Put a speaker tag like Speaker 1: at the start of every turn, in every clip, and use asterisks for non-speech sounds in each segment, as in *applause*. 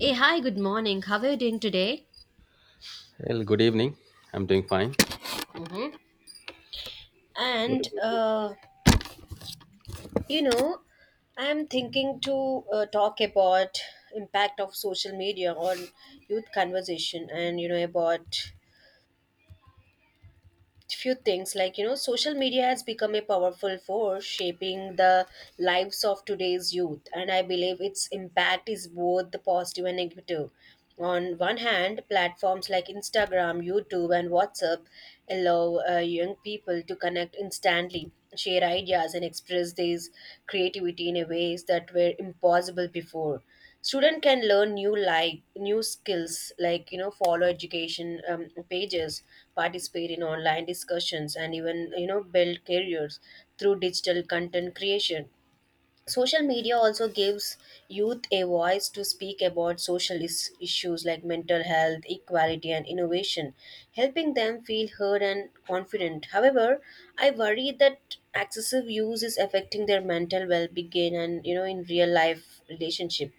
Speaker 1: Hey, hi, good morning. How are you doing today?
Speaker 2: Well, good evening. I'm doing fine.
Speaker 1: Mm-hmm. And,
Speaker 2: Good.
Speaker 1: uh, you know, I am thinking to talk about impact of social media on youth conversation and about few things like social media has become a powerful force shaping the lives of today's youth. And I believe its impact is both the positive and negative. On one hand, platforms like Instagram, YouTube and WhatsApp allow young people to connect instantly, share ideas and express these creativity in a ways that were impossible before. Student can learn new skills like follow education pages, participate in online discussions and even build careers through digital content creation. Social media also gives youth a voice to speak about social issues like mental health, equality and innovation, helping them feel heard and confident. However, I worry that excessive use is affecting their mental well-being and in real life relationship.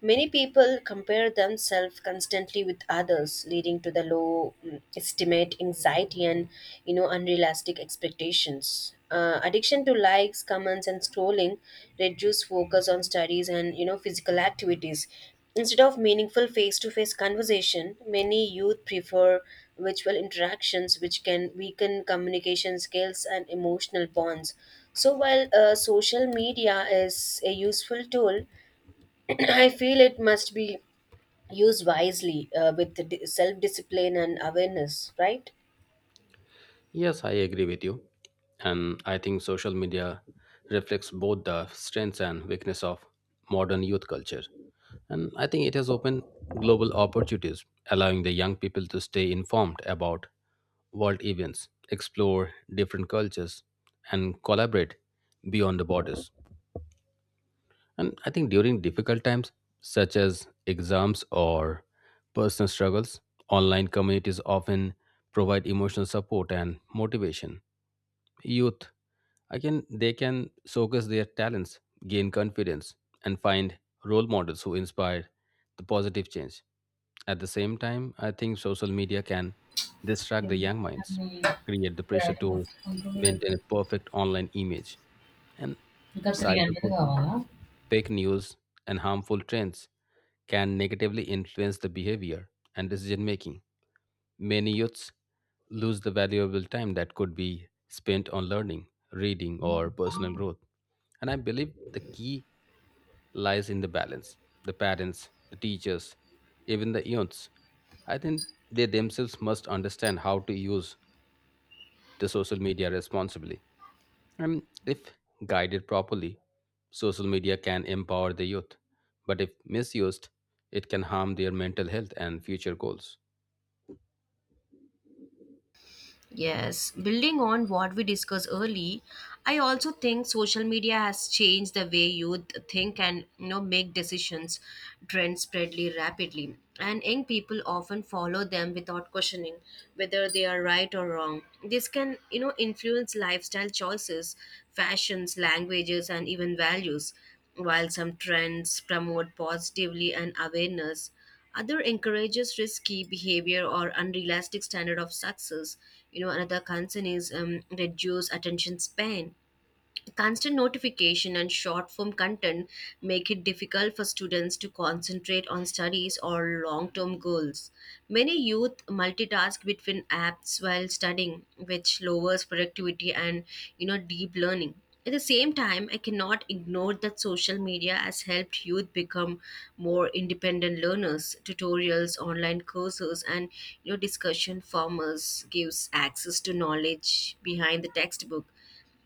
Speaker 1: Many people compare themselves constantly with others, leading to the low estimate, anxiety, and unrealistic expectations. Addiction to likes, comments, and scrolling reduce focus on studies and physical activities. Instead of meaningful face-to-face conversation, many youth prefer virtual interactions, which can weaken communication skills and emotional bonds. So while social media is a useful tool, I feel it must be used wisely with self discipline and awareness, right?
Speaker 2: Yes, I agree with you. And I think social media reflects both the strengths and weakness of modern youth culture. And I think it has opened global opportunities, allowing the young people to stay informed about world events, explore different cultures, and collaborate beyond the borders. And I think during difficult times, such as exams or personal struggles, online communities often provide emotional support and motivation. Youth, again, they can showcase their talents, gain confidence, and find role models who inspire the positive change. At the same time, I think social media can distract the young minds, create the pressure to maintain a perfect online image, and cyberbullying, fake news, and harmful trends can negatively influence the behavior and decision making. Many youths lose the valuable time that could be spent on learning, reading, or personal growth. And I believe the key lies in the balance. The parents, the teachers, even the youths, I think they themselves must understand how to use the social media responsibly. And if guided properly, social media can empower the youth. But if misused, it can harm their mental health and future goals.
Speaker 1: Yes, building on what we discussed early, I also think social media has changed the way youth think and make decisions. Trends spread rapidly, and young people often follow them without questioning whether they are right or wrong. This can influence lifestyle choices, fashions, languages, and even values. While some trends promote positively and awareness, other encourages risky behavior or unrealistic standard of success. Another concern is reduce attention span. Constant notification and short form content make it difficult for students to concentrate on studies or long term goals. Many youth multitask between apps while studying, which lowers productivity and deep learning. At the same time, I cannot ignore that social media has helped youth become more independent learners. Tutorials, online courses, and discussion forums gives access to knowledge behind the textbook.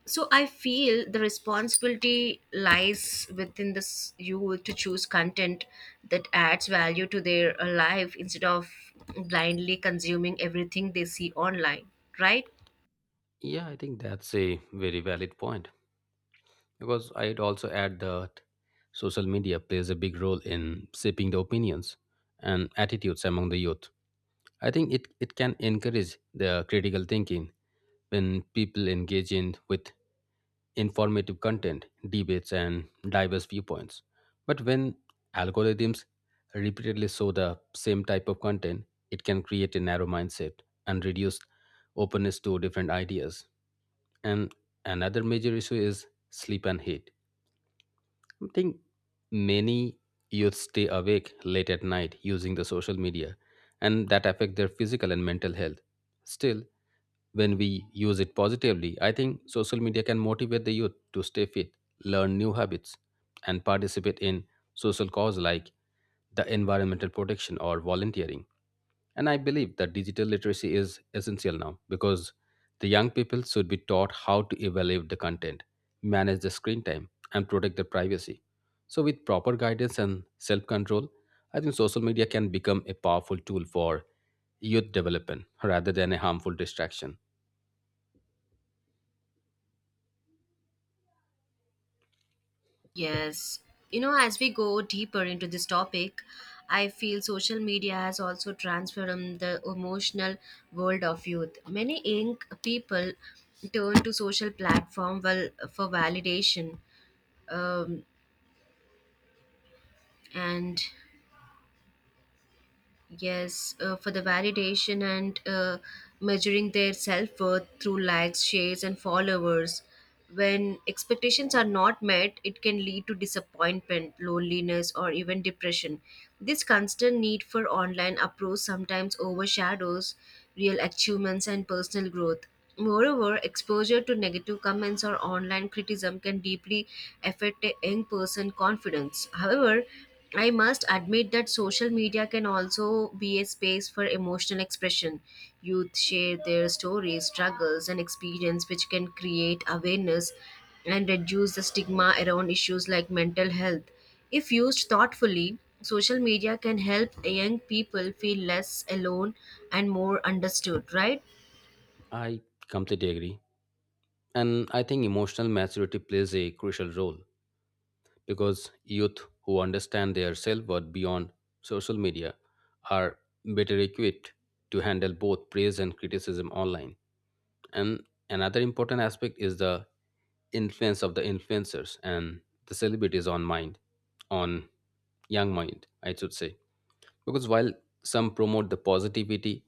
Speaker 1: So I feel the responsibility lies within this you to choose content that adds value to their life instead of blindly consuming everything they see online, right?
Speaker 2: Yeah, I think that's a very valid point because I'd also add that social media plays a big role in shaping the opinions and attitudes among the youth. I think it can encourage the critical thinking when people engage in with informative content, debates, and diverse viewpoints. But when algorithms repeatedly show the same type of content, it can create a narrow mindset and reduce openness to different ideas. And another major issue is sleep and heat. I think many youth stay awake late at night using the social media and that affect their physical and mental health. Still, when we use it positively, I think social media can motivate the youth to stay fit, learn new habits, and participate in social cause like the environmental protection or volunteering. And I believe that digital literacy is essential now because the young people should be taught how to evaluate the content, manage the screen time, and protect their privacy. So, with proper guidance and self control, I think social media can become a powerful tool for youth development rather than a harmful distraction.
Speaker 1: Yes. As we go deeper into this topic, I feel social media has also transformed the emotional world of youth. Many young people turn to social platform, well, for validation, um, and yes, for the validation and measuring their self worth through likes, shares, and followers. When expectations are not met, it can lead to disappointment, loneliness, or even depression. This constant need for online approach sometimes overshadows real achievements and personal growth. Moreover, exposure to negative comments or online criticism can deeply affect a young person's confidence. However, I must admit that social media can also be a space for emotional expression. Youth share their stories, struggles, and experience, which can create awareness and reduce the stigma around issues like mental health. If used thoughtfully, social media can help young people feel less alone and more understood, right?
Speaker 2: I completely agree. And I think emotional maturity plays a crucial role because youth who understand their self worth beyond social media are better equipped to handle both praise and criticism online. And another important aspect is the influence of the influencers and the celebrities on mind, on young mind, I should say. Because while some promote the positivity,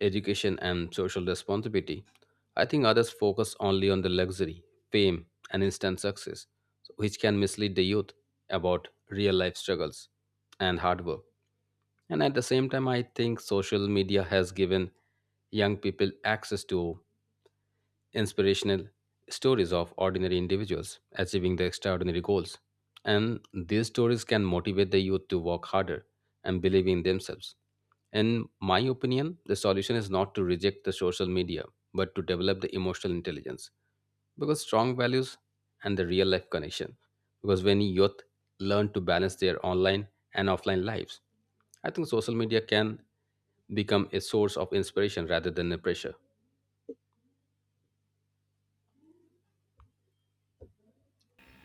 Speaker 2: education, and social responsibility, I think others focus only on the luxury, fame, and instant success, which can mislead the youth about real life struggles and hard work. And at the same time, I think social media has given young people access to inspirational stories of ordinary individuals achieving their extraordinary goals. And these stories can motivate the youth to work harder and believe in themselves. In my opinion, the solution is not to reject the social media, but to develop the emotional intelligence. Because strong values and the real life connection. Because when youth learn to balance their online and offline lives, I think social media can become a source of inspiration rather than a pressure.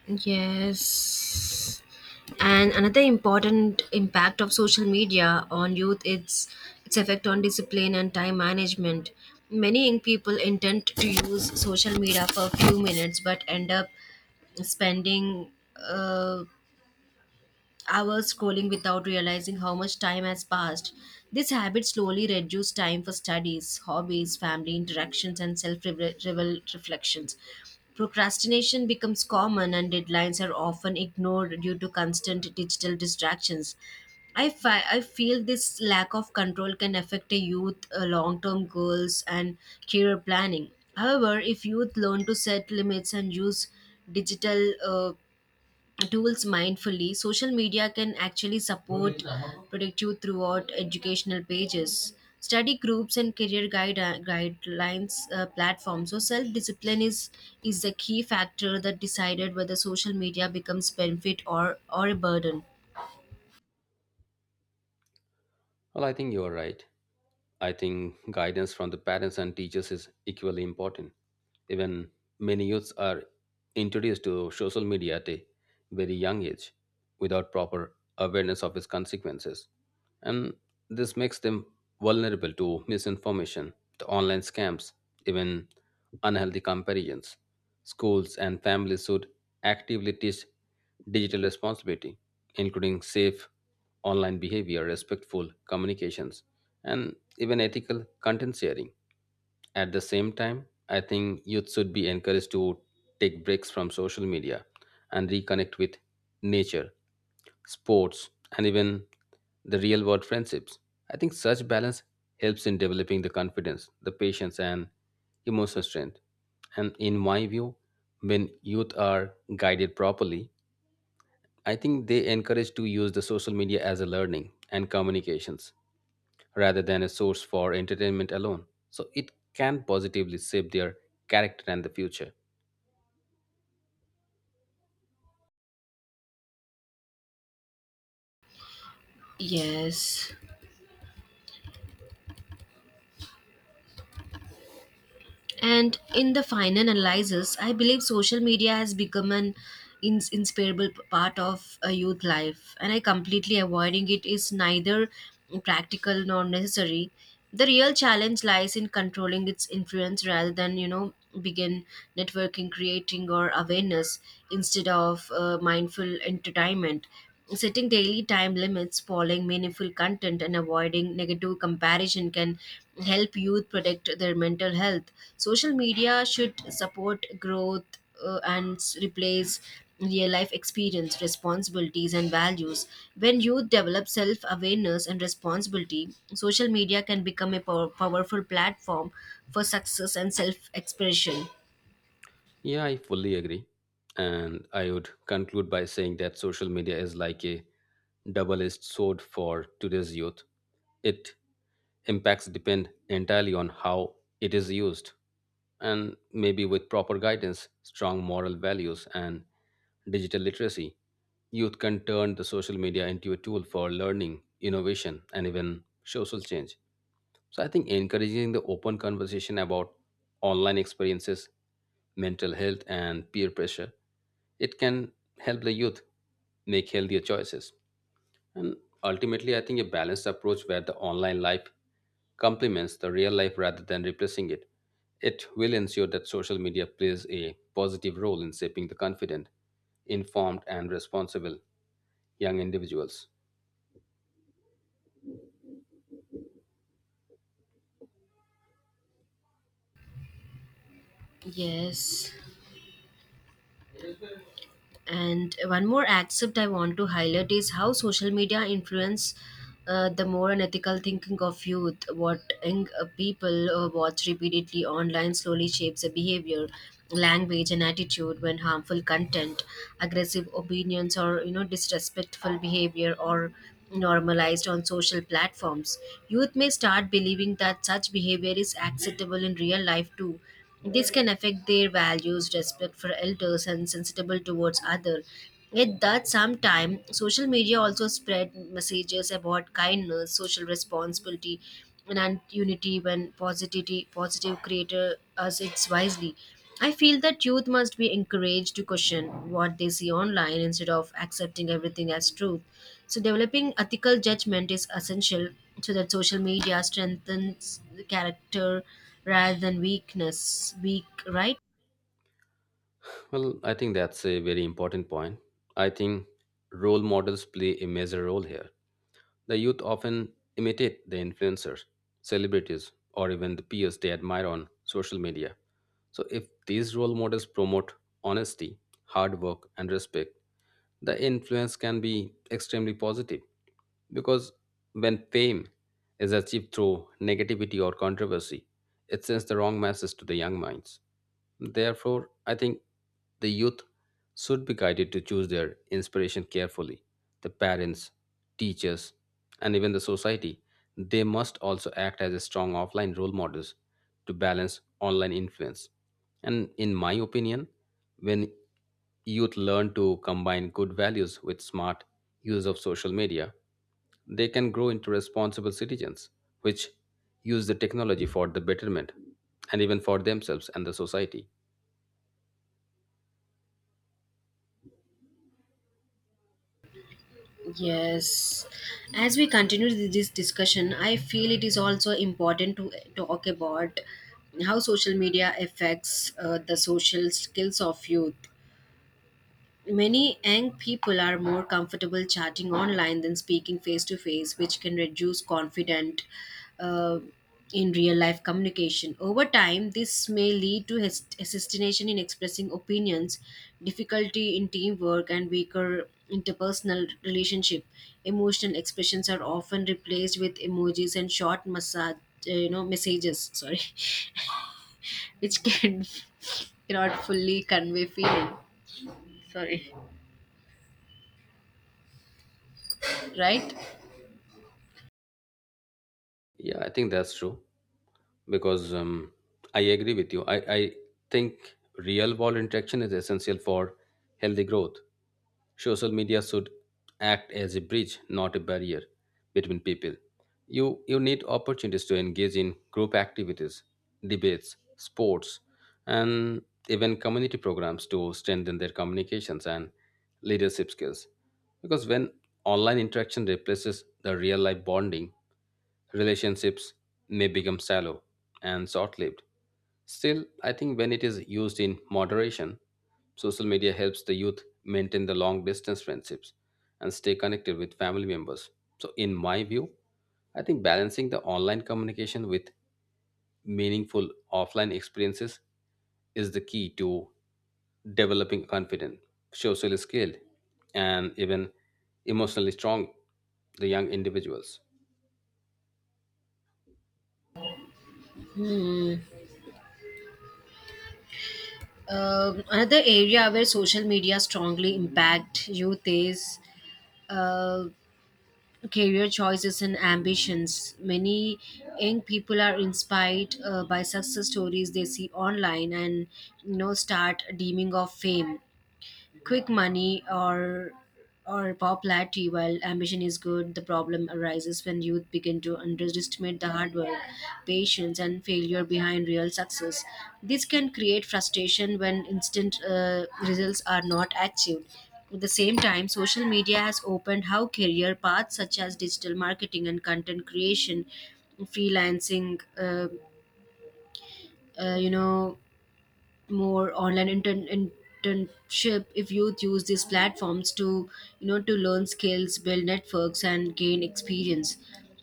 Speaker 1: Yes. And another important impact of social media on youth is its effect on discipline and time management. Many young people intend to use social media for a few minutes but end up spending uh, hours scrolling without realizing how much time has passed. This habit slowly reduces time for studies, hobbies, family interactions, and self reflections. Procrastination becomes common, and deadlines are often ignored due to constant digital distractions. I feel this lack of control can affect a youth long-term goals and career planning. However, if youth learn to set limits and use digital tools mindfully, social media can actually support predict you throughout educational pages, study groups, and career guidelines platforms. So, self discipline is the key factor that decided whether social media becomes benefit or a burden.
Speaker 2: Well, I think you're right. I think guidance from the parents and teachers is equally important. Even many youths are introduced to social media at a very young age without proper awareness of its consequences. And this makes them vulnerable to misinformation, the online scams, even unhealthy comparisons. Schools and families should actively teach digital responsibility, including safe online behavior, respectful communications, and even ethical content sharing. At the same time, I think youth should be encouraged to take breaks from social media and reconnect with nature, sports, and even the real world friendships. I think such balance helps in developing the confidence, the patience, and emotional strength. And in my view, when youth are guided properly, I think they encourage to use the social media as a learning and communications rather than a source for entertainment alone. So it can positively shape their character and the future.
Speaker 1: Yes. And in the final analysis, I believe social media has become an inseparable part of a youth life, and I completely avoiding it is neither practical nor necessary. The real challenge lies in controlling its influence rather than begin networking, creating, or awareness instead of mindful entertainment. Setting daily time limits, following meaningful content, and avoiding negative comparison can help youth protect their mental health. Social media should support growth and replace real life experience, responsibilities, and values. When youth develop self awareness and responsibility, social media can become a powerful platform for success and self expression.
Speaker 2: Yeah, I fully agree. And I would conclude by saying that social media is like a double edged sword for today's youth. It impacts depend entirely on how it is used. And maybe with proper guidance, strong moral values, and digital literacy, youth can turn the social media into a tool for learning, innovation, and even social change. So I think encouraging the open conversation about online experiences, mental health, and peer pressure, it can help the youth make healthier choices. And ultimately, I think a balanced approach where the online life complements the real life rather than replacing it, it will ensure that social media plays a positive role in shaping the confident, informed, and responsible young individuals.
Speaker 1: Yes. And one more aspect I want to highlight is how social media influence the moral and ethical thinking of youth. What young people watch repeatedly online slowly shapes their behavior, language, and attitude. When harmful content, aggressive opinions, or disrespectful behavior or normalized on social platforms, youth may start believing that such behavior is acceptable in real life too. This can affect their values, respect for elders, and sensitivity towards other. Yet that sometime social media also spread messages about kindness, social responsibility, and unity when positivity positive creator us it's wisely. I feel that youth must be encouraged to question what they see online instead of accepting everything as truth. So, developing ethical judgment is essential so that social media strengthens the character rather than weakness, right?
Speaker 2: Well, I think that's a very important point. I think role models play a major role here. The youth often imitate the influencers, celebrities, or even the peers they admire on social media. So, if these role models promote honesty, hard work, and respect, the influence can be extremely positive because when fame is achieved through negativity or controversy, it sends the wrong message to the young minds. Therefore, I think the youth should be guided to choose their inspiration carefully. The parents, teachers, and even the society, they must also act as a strong offline role models to balance online influence. And in my opinion, when youth learn to combine good values with smart use of social media, they can grow into responsible citizens, which use the technology for the betterment and even for themselves and the society.
Speaker 1: Yes. As we continue this discussion, I feel it is also important to talk about how social media affects the social skills of youth. Many young people are more comfortable chatting online than speaking face to face, which can reduce confidence uh, in real life communication. Over time, this may lead to hesitation in expressing opinions, difficulty in teamwork, and weaker interpersonal relationship. Emotional expressions are often replaced with emojis and short massage, messages. Sorry, *laughs* which can *laughs* cannot fully convey feeling. Sorry, right?
Speaker 2: Yeah, I think that's true because I agree with you. I think real world interaction is essential for healthy growth. Social media should act as a bridge, not a barrier between people. You need opportunities to engage in group activities, debates, sports, and even community programs to strengthen their communications and leadership skills. Because when online interaction replaces the real life bonding, relationships may become shallow and short lived. Still, I think when it is used in moderation, social media helps the youth maintain the long distance friendships and stay connected with family members. So, in my view, I think balancing the online communication with meaningful offline experiences is the key to developing confident, socially skilled, and even emotionally strong the young individuals.
Speaker 1: Hmm. Another area where social media strongly impact youth is uh, career choices and ambitions. Many young people are inspired by success stories they see online and start dreaming of fame, quick money or popularity. While ambition is good, the problem arises when youth begin to underestimate the hard work, patience and failure behind real success. This can create frustration when instant results are not achieved. At the same time, social media has opened how career paths such as digital marketing and content creation, freelancing, uh, you know more online internship. If youth use these platforms to to learn skills, build networks and gain experience,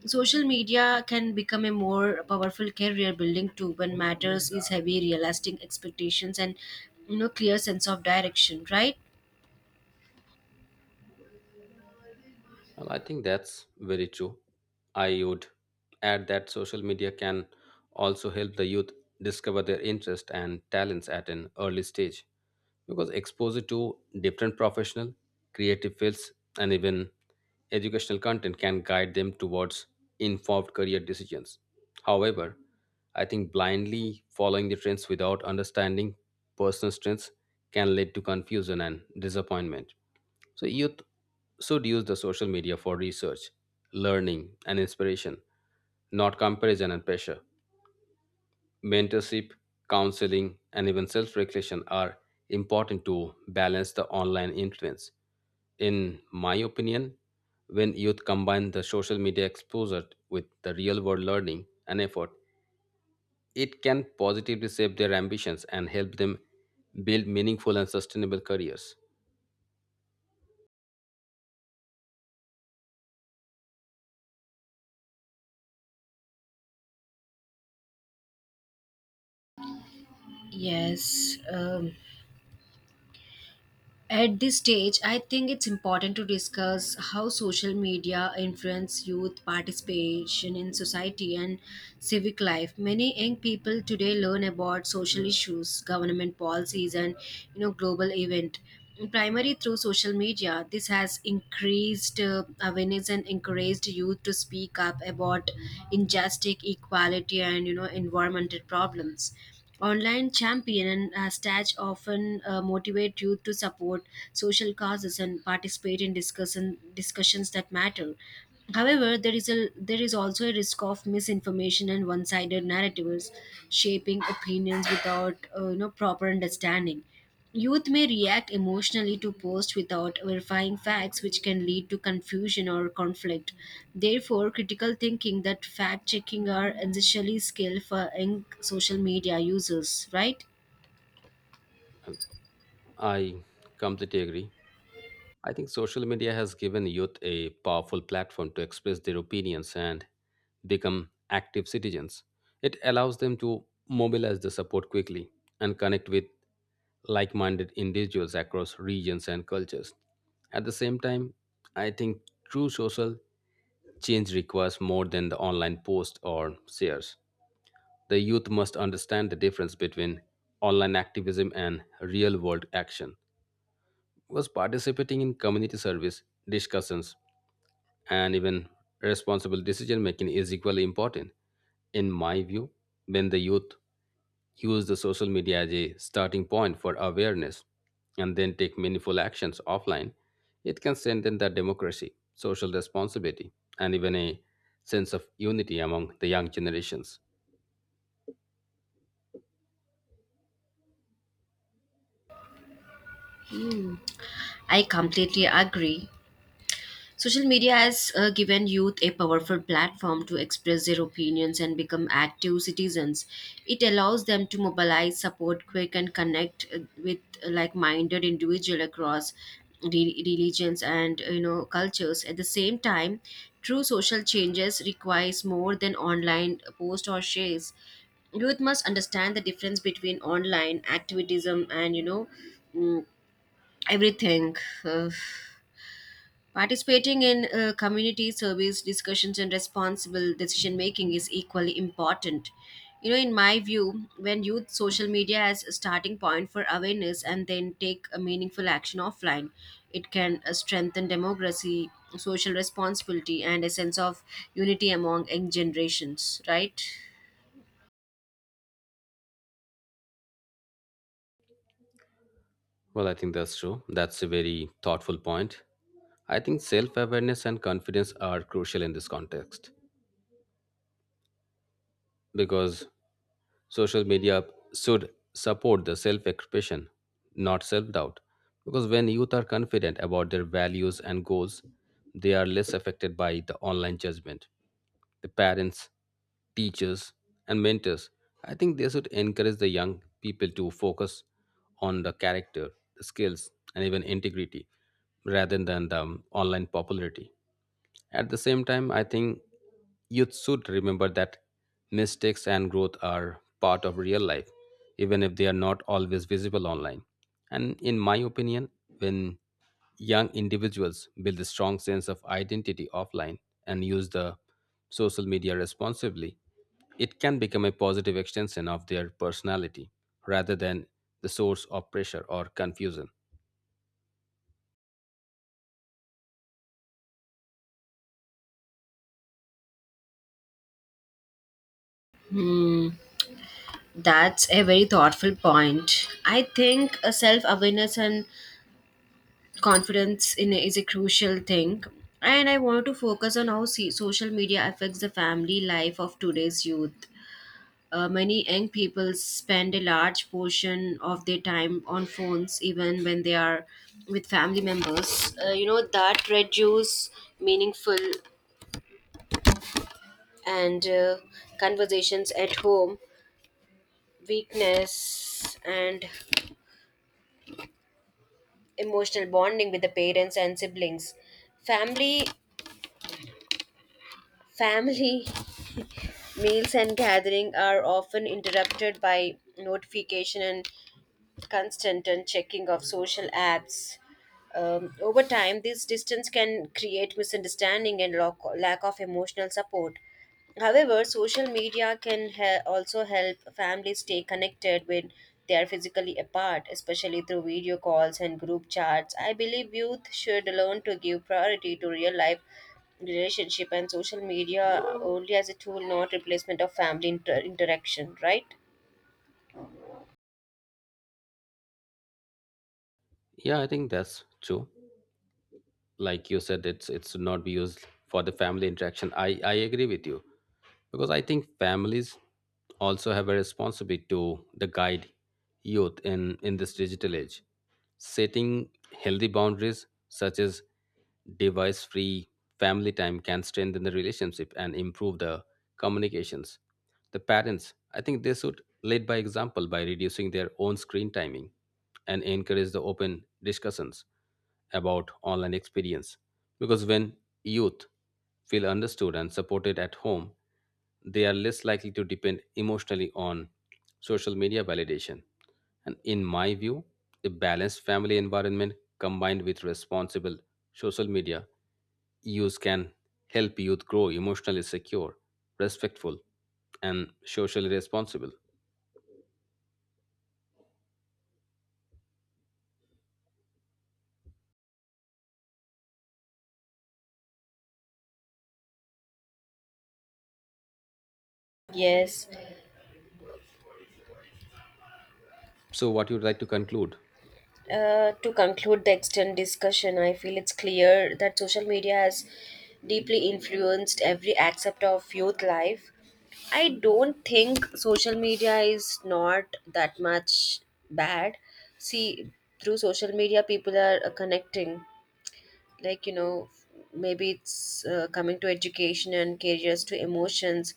Speaker 1: social media can become a more powerful career building tool when matters is heavy realistic expectations and clear sense of direction, right?
Speaker 2: Well, I think that's very true. I would add that social media can also help the youth discover their interests and talents at an early stage because exposure to different professional, creative fields, and even educational content can guide them towards informed career decisions. However, I think blindly following the trends without understanding personal strengths can lead to confusion and disappointment. So, youth should use the social media for research, learning, and inspiration, not comparison and pressure. Mentorship, counseling, and even self reflection are important to balance the online influence. In my opinion, when youth combine the social media exposure with the real world learning and effort, it can positively shape their ambitions and help them build meaningful and sustainable careers.
Speaker 1: Yes. At this stage, I think it's important to discuss how social media influence youth participation in society and civic life. Many young people today learn about social issues, government policies, and global event primarily through social media. This has increased awareness and encouraged youth to speak up about injustice, equality, and environmental problems. Online champion and stage often motivate youth to support social causes and participate in discussions that matter. However, there is also a risk of misinformation and one-sided narratives shaping opinions without proper understanding. Youth may react emotionally to posts without verifying facts, which can lead to confusion or conflict. Therefore, critical thinking that fact checking are essentially skill for young social media users, right?
Speaker 2: I completely agree. I think social media has given youth a powerful platform to express their opinions and become active citizens. It allows them to mobilize the support quickly and connect with like minded individuals across regions and cultures. At the same time, I think true social change requires more than the online post or shares. The youth must understand the difference between online activism and real world action was participating in community service discussions and even responsible decision making is equally important. In my view, when the youth use the social media as a starting point for awareness and then take meaningful actions offline, it can strengthen the democracy, social responsibility, and even a sense of unity among the young generations.
Speaker 1: Hmm. I completely agree. Social media has given youth a powerful platform to express their opinions and become active citizens. It allows them to mobilize support quick and connect with like-minded individuals across religions and cultures. At the same time, true social changes requires more than online posts or shares. Youth must understand the difference between online activism and mm, everything. Uh, Participating in community service discussions and responsible decision making is equally important. In my view, when youth social media as a starting point for awareness and then take a meaningful action offline, it can strengthen democracy, social responsibility, and a sense of unity among young generations, right?
Speaker 2: Well, I think that's true. That's a very thoughtful point. I think self awareness and confidence are crucial in this context because social media should support the self expression, not self doubt. Because when youth are confident about their values and goals, they are less affected by the online judgment. The parents, teachers, and mentors, I think they should encourage the young people to focus on the character, the skills, and even integrity rather than the online popularity. At the same time, I think youth should remember that mistakes and growth are part of real life, even if they are not always visible online. And in my opinion, when young individuals build a strong sense of identity offline and use the social media responsibly, it can become a positive extension of their personality rather than the source of pressure or confusion.
Speaker 1: Mm, that's a very thoughtful point. I think self awareness and confidence in is a crucial thing. And I want to focus on how, see, social media affects the family life of today's youth. Many young people spend a large portion of their time on phones even when they are with family members. That reduce meaningful and conversations at home, weakness and emotional bonding with the parents and siblings. Family family Meals and gathering are often interrupted by notification and constant and checking of social apps. Over time, this distance can create misunderstanding and lack of emotional support. However, social media can also help families stay connected when they are physically apart, especially through video calls and group chats. I believe youth should learn to give priority to real life relationship and social media only as a tool, not replacement of family interaction. Right?
Speaker 2: Yeah, I think that's true. Like you said, it's should not be used for the family interaction. I agree with you because I think families also have a responsibility to the guide youth in this digital age. Setting healthy boundaries such as device free family time can strengthen the relationship and improve the communications. The parents, I think they should lead by example by reducing their own screen timing and encourage the open discussions about online experience because when youth feel understood and supported at home, they are less likely to depend emotionally on social media validation. And in my view, a balanced family environment combined with responsible social media use can help youth grow emotionally secure, respectful, and socially responsible.
Speaker 1: Yes.
Speaker 2: So, what you'd like to conclude?
Speaker 1: To conclude the extent discussion, I feel it's clear that social media has deeply influenced every aspect of youth life. I don't think social media is not that much bad. See, through social media, people are connecting. Like, maybe it's coming to education and careers, to emotions,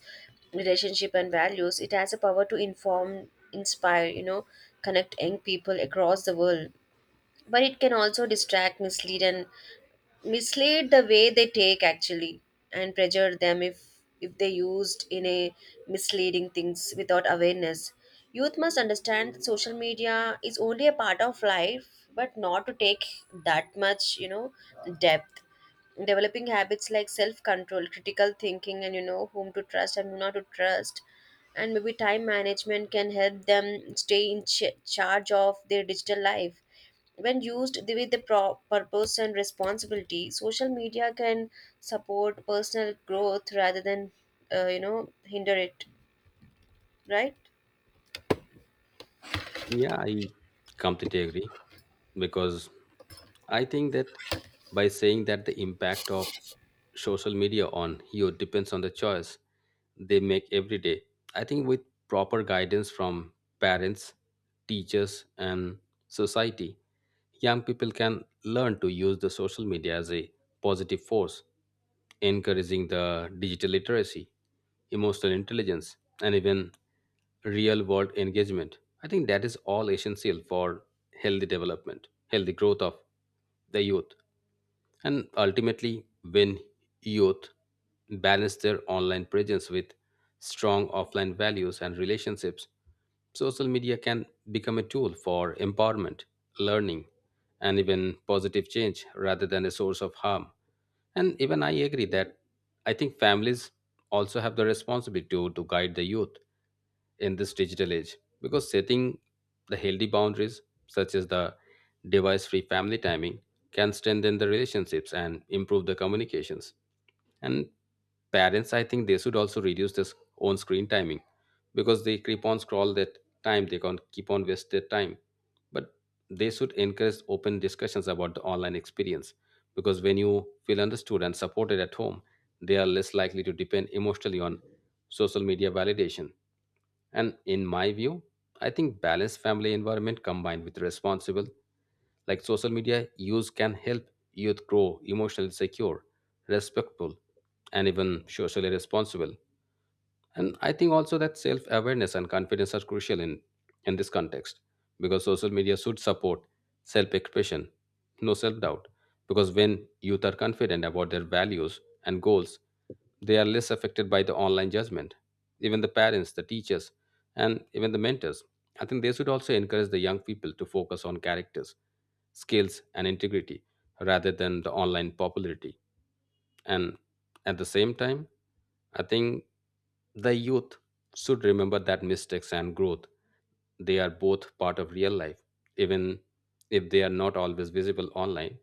Speaker 1: relationship, and values. It has a power to inform, inspire connect young people across the world, but it can also distract, mislead and mislead the way they take actually and pressure them if they used in a misleading things without awareness. Youth must understand that social media is only a part of life, but not to take that much depth. Developing habits like self control, critical thinking and whom to trust and who not to trust and maybe time management can help them stay in charge of their digital life. When used with the purpose and responsibility, social media can support personal growth rather than hinder it, right?
Speaker 2: Yeah, I completely agree because I think that by saying that the impact of social media on you depends on the choice they make every day. I think with proper guidance from parents, teachers, and society, young people can learn to use the social media as a positive force, encouraging the digital literacy, emotional intelligence, and even real world engagement. I think that is all essential for healthy development, healthy growth of the youth. And ultimately, when youth balance their online presence with strong offline values and relationships, social media can become a tool for empowerment, learning, and even positive change rather than a source of harm. And even I agree that I think families also have the responsibility to guide the youth in this digital age because setting the healthy boundaries such as the device free family timing can strengthen the relationships and improve the communications. And parents, I think they should also reduce this own screen timing because they keep on scroll that time, they can keep on waste their time. But they should encourage open discussions about the online experience because when you feel understood and supported at home, they are less likely to depend emotionally on social media validation. And in my view, I think balanced family environment combined with responsible, like social media use, can help youth grow emotionally secure, respectful, and even socially responsible. And I think also that self awareness and confidence are crucial in this context because social media should support self expression, no self doubt. Because when youth are confident about their values and goals, they are less affected by the online judgment. Even the parents, the teachers, and even the mentors. I think they should also encourage the young people to focus on characters, skills, and integrity rather than the online popularity. And at the same time, I think the youth should remember that mistakes and growth, they are both part of real life, even if they are not always visible online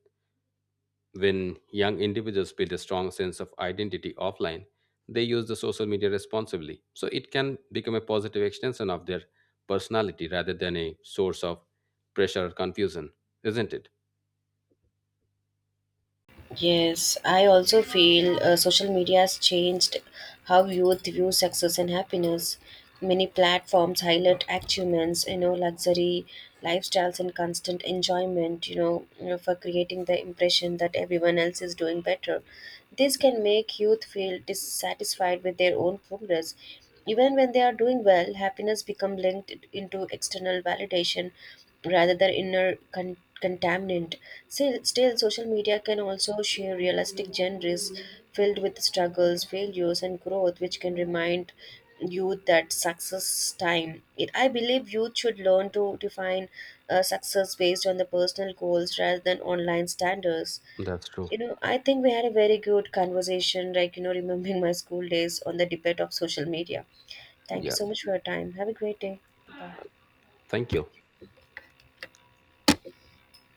Speaker 2: when young individuals build a strong sense of identity offline, they use the social media responsibly. So it can become a positive extension of their personality rather than a source of pressure or confusion, isn't it?
Speaker 1: Yes, I also feel social media has changed how youth view success and happiness. Many platforms highlight achievements luxury lifestyles and constant enjoyment for creating the impression that everyone else is doing better. This can make youth feel dissatisfied with their own progress even when they are doing well, happiness becomes linked into external validation rather than inner contaminant. Still, social media can also share realistic genres filled with struggles, failures, and growth, which can remind youth that success time. I believe youth should learn to define success based on the personal goals rather than online standards.
Speaker 2: That's true.
Speaker 1: I think we had a very good conversation, like, remembering my school days on the debate of social media. Thank you
Speaker 2: Yeah.
Speaker 1: so much for your time. Have a great day. Bye.
Speaker 2: Thank you.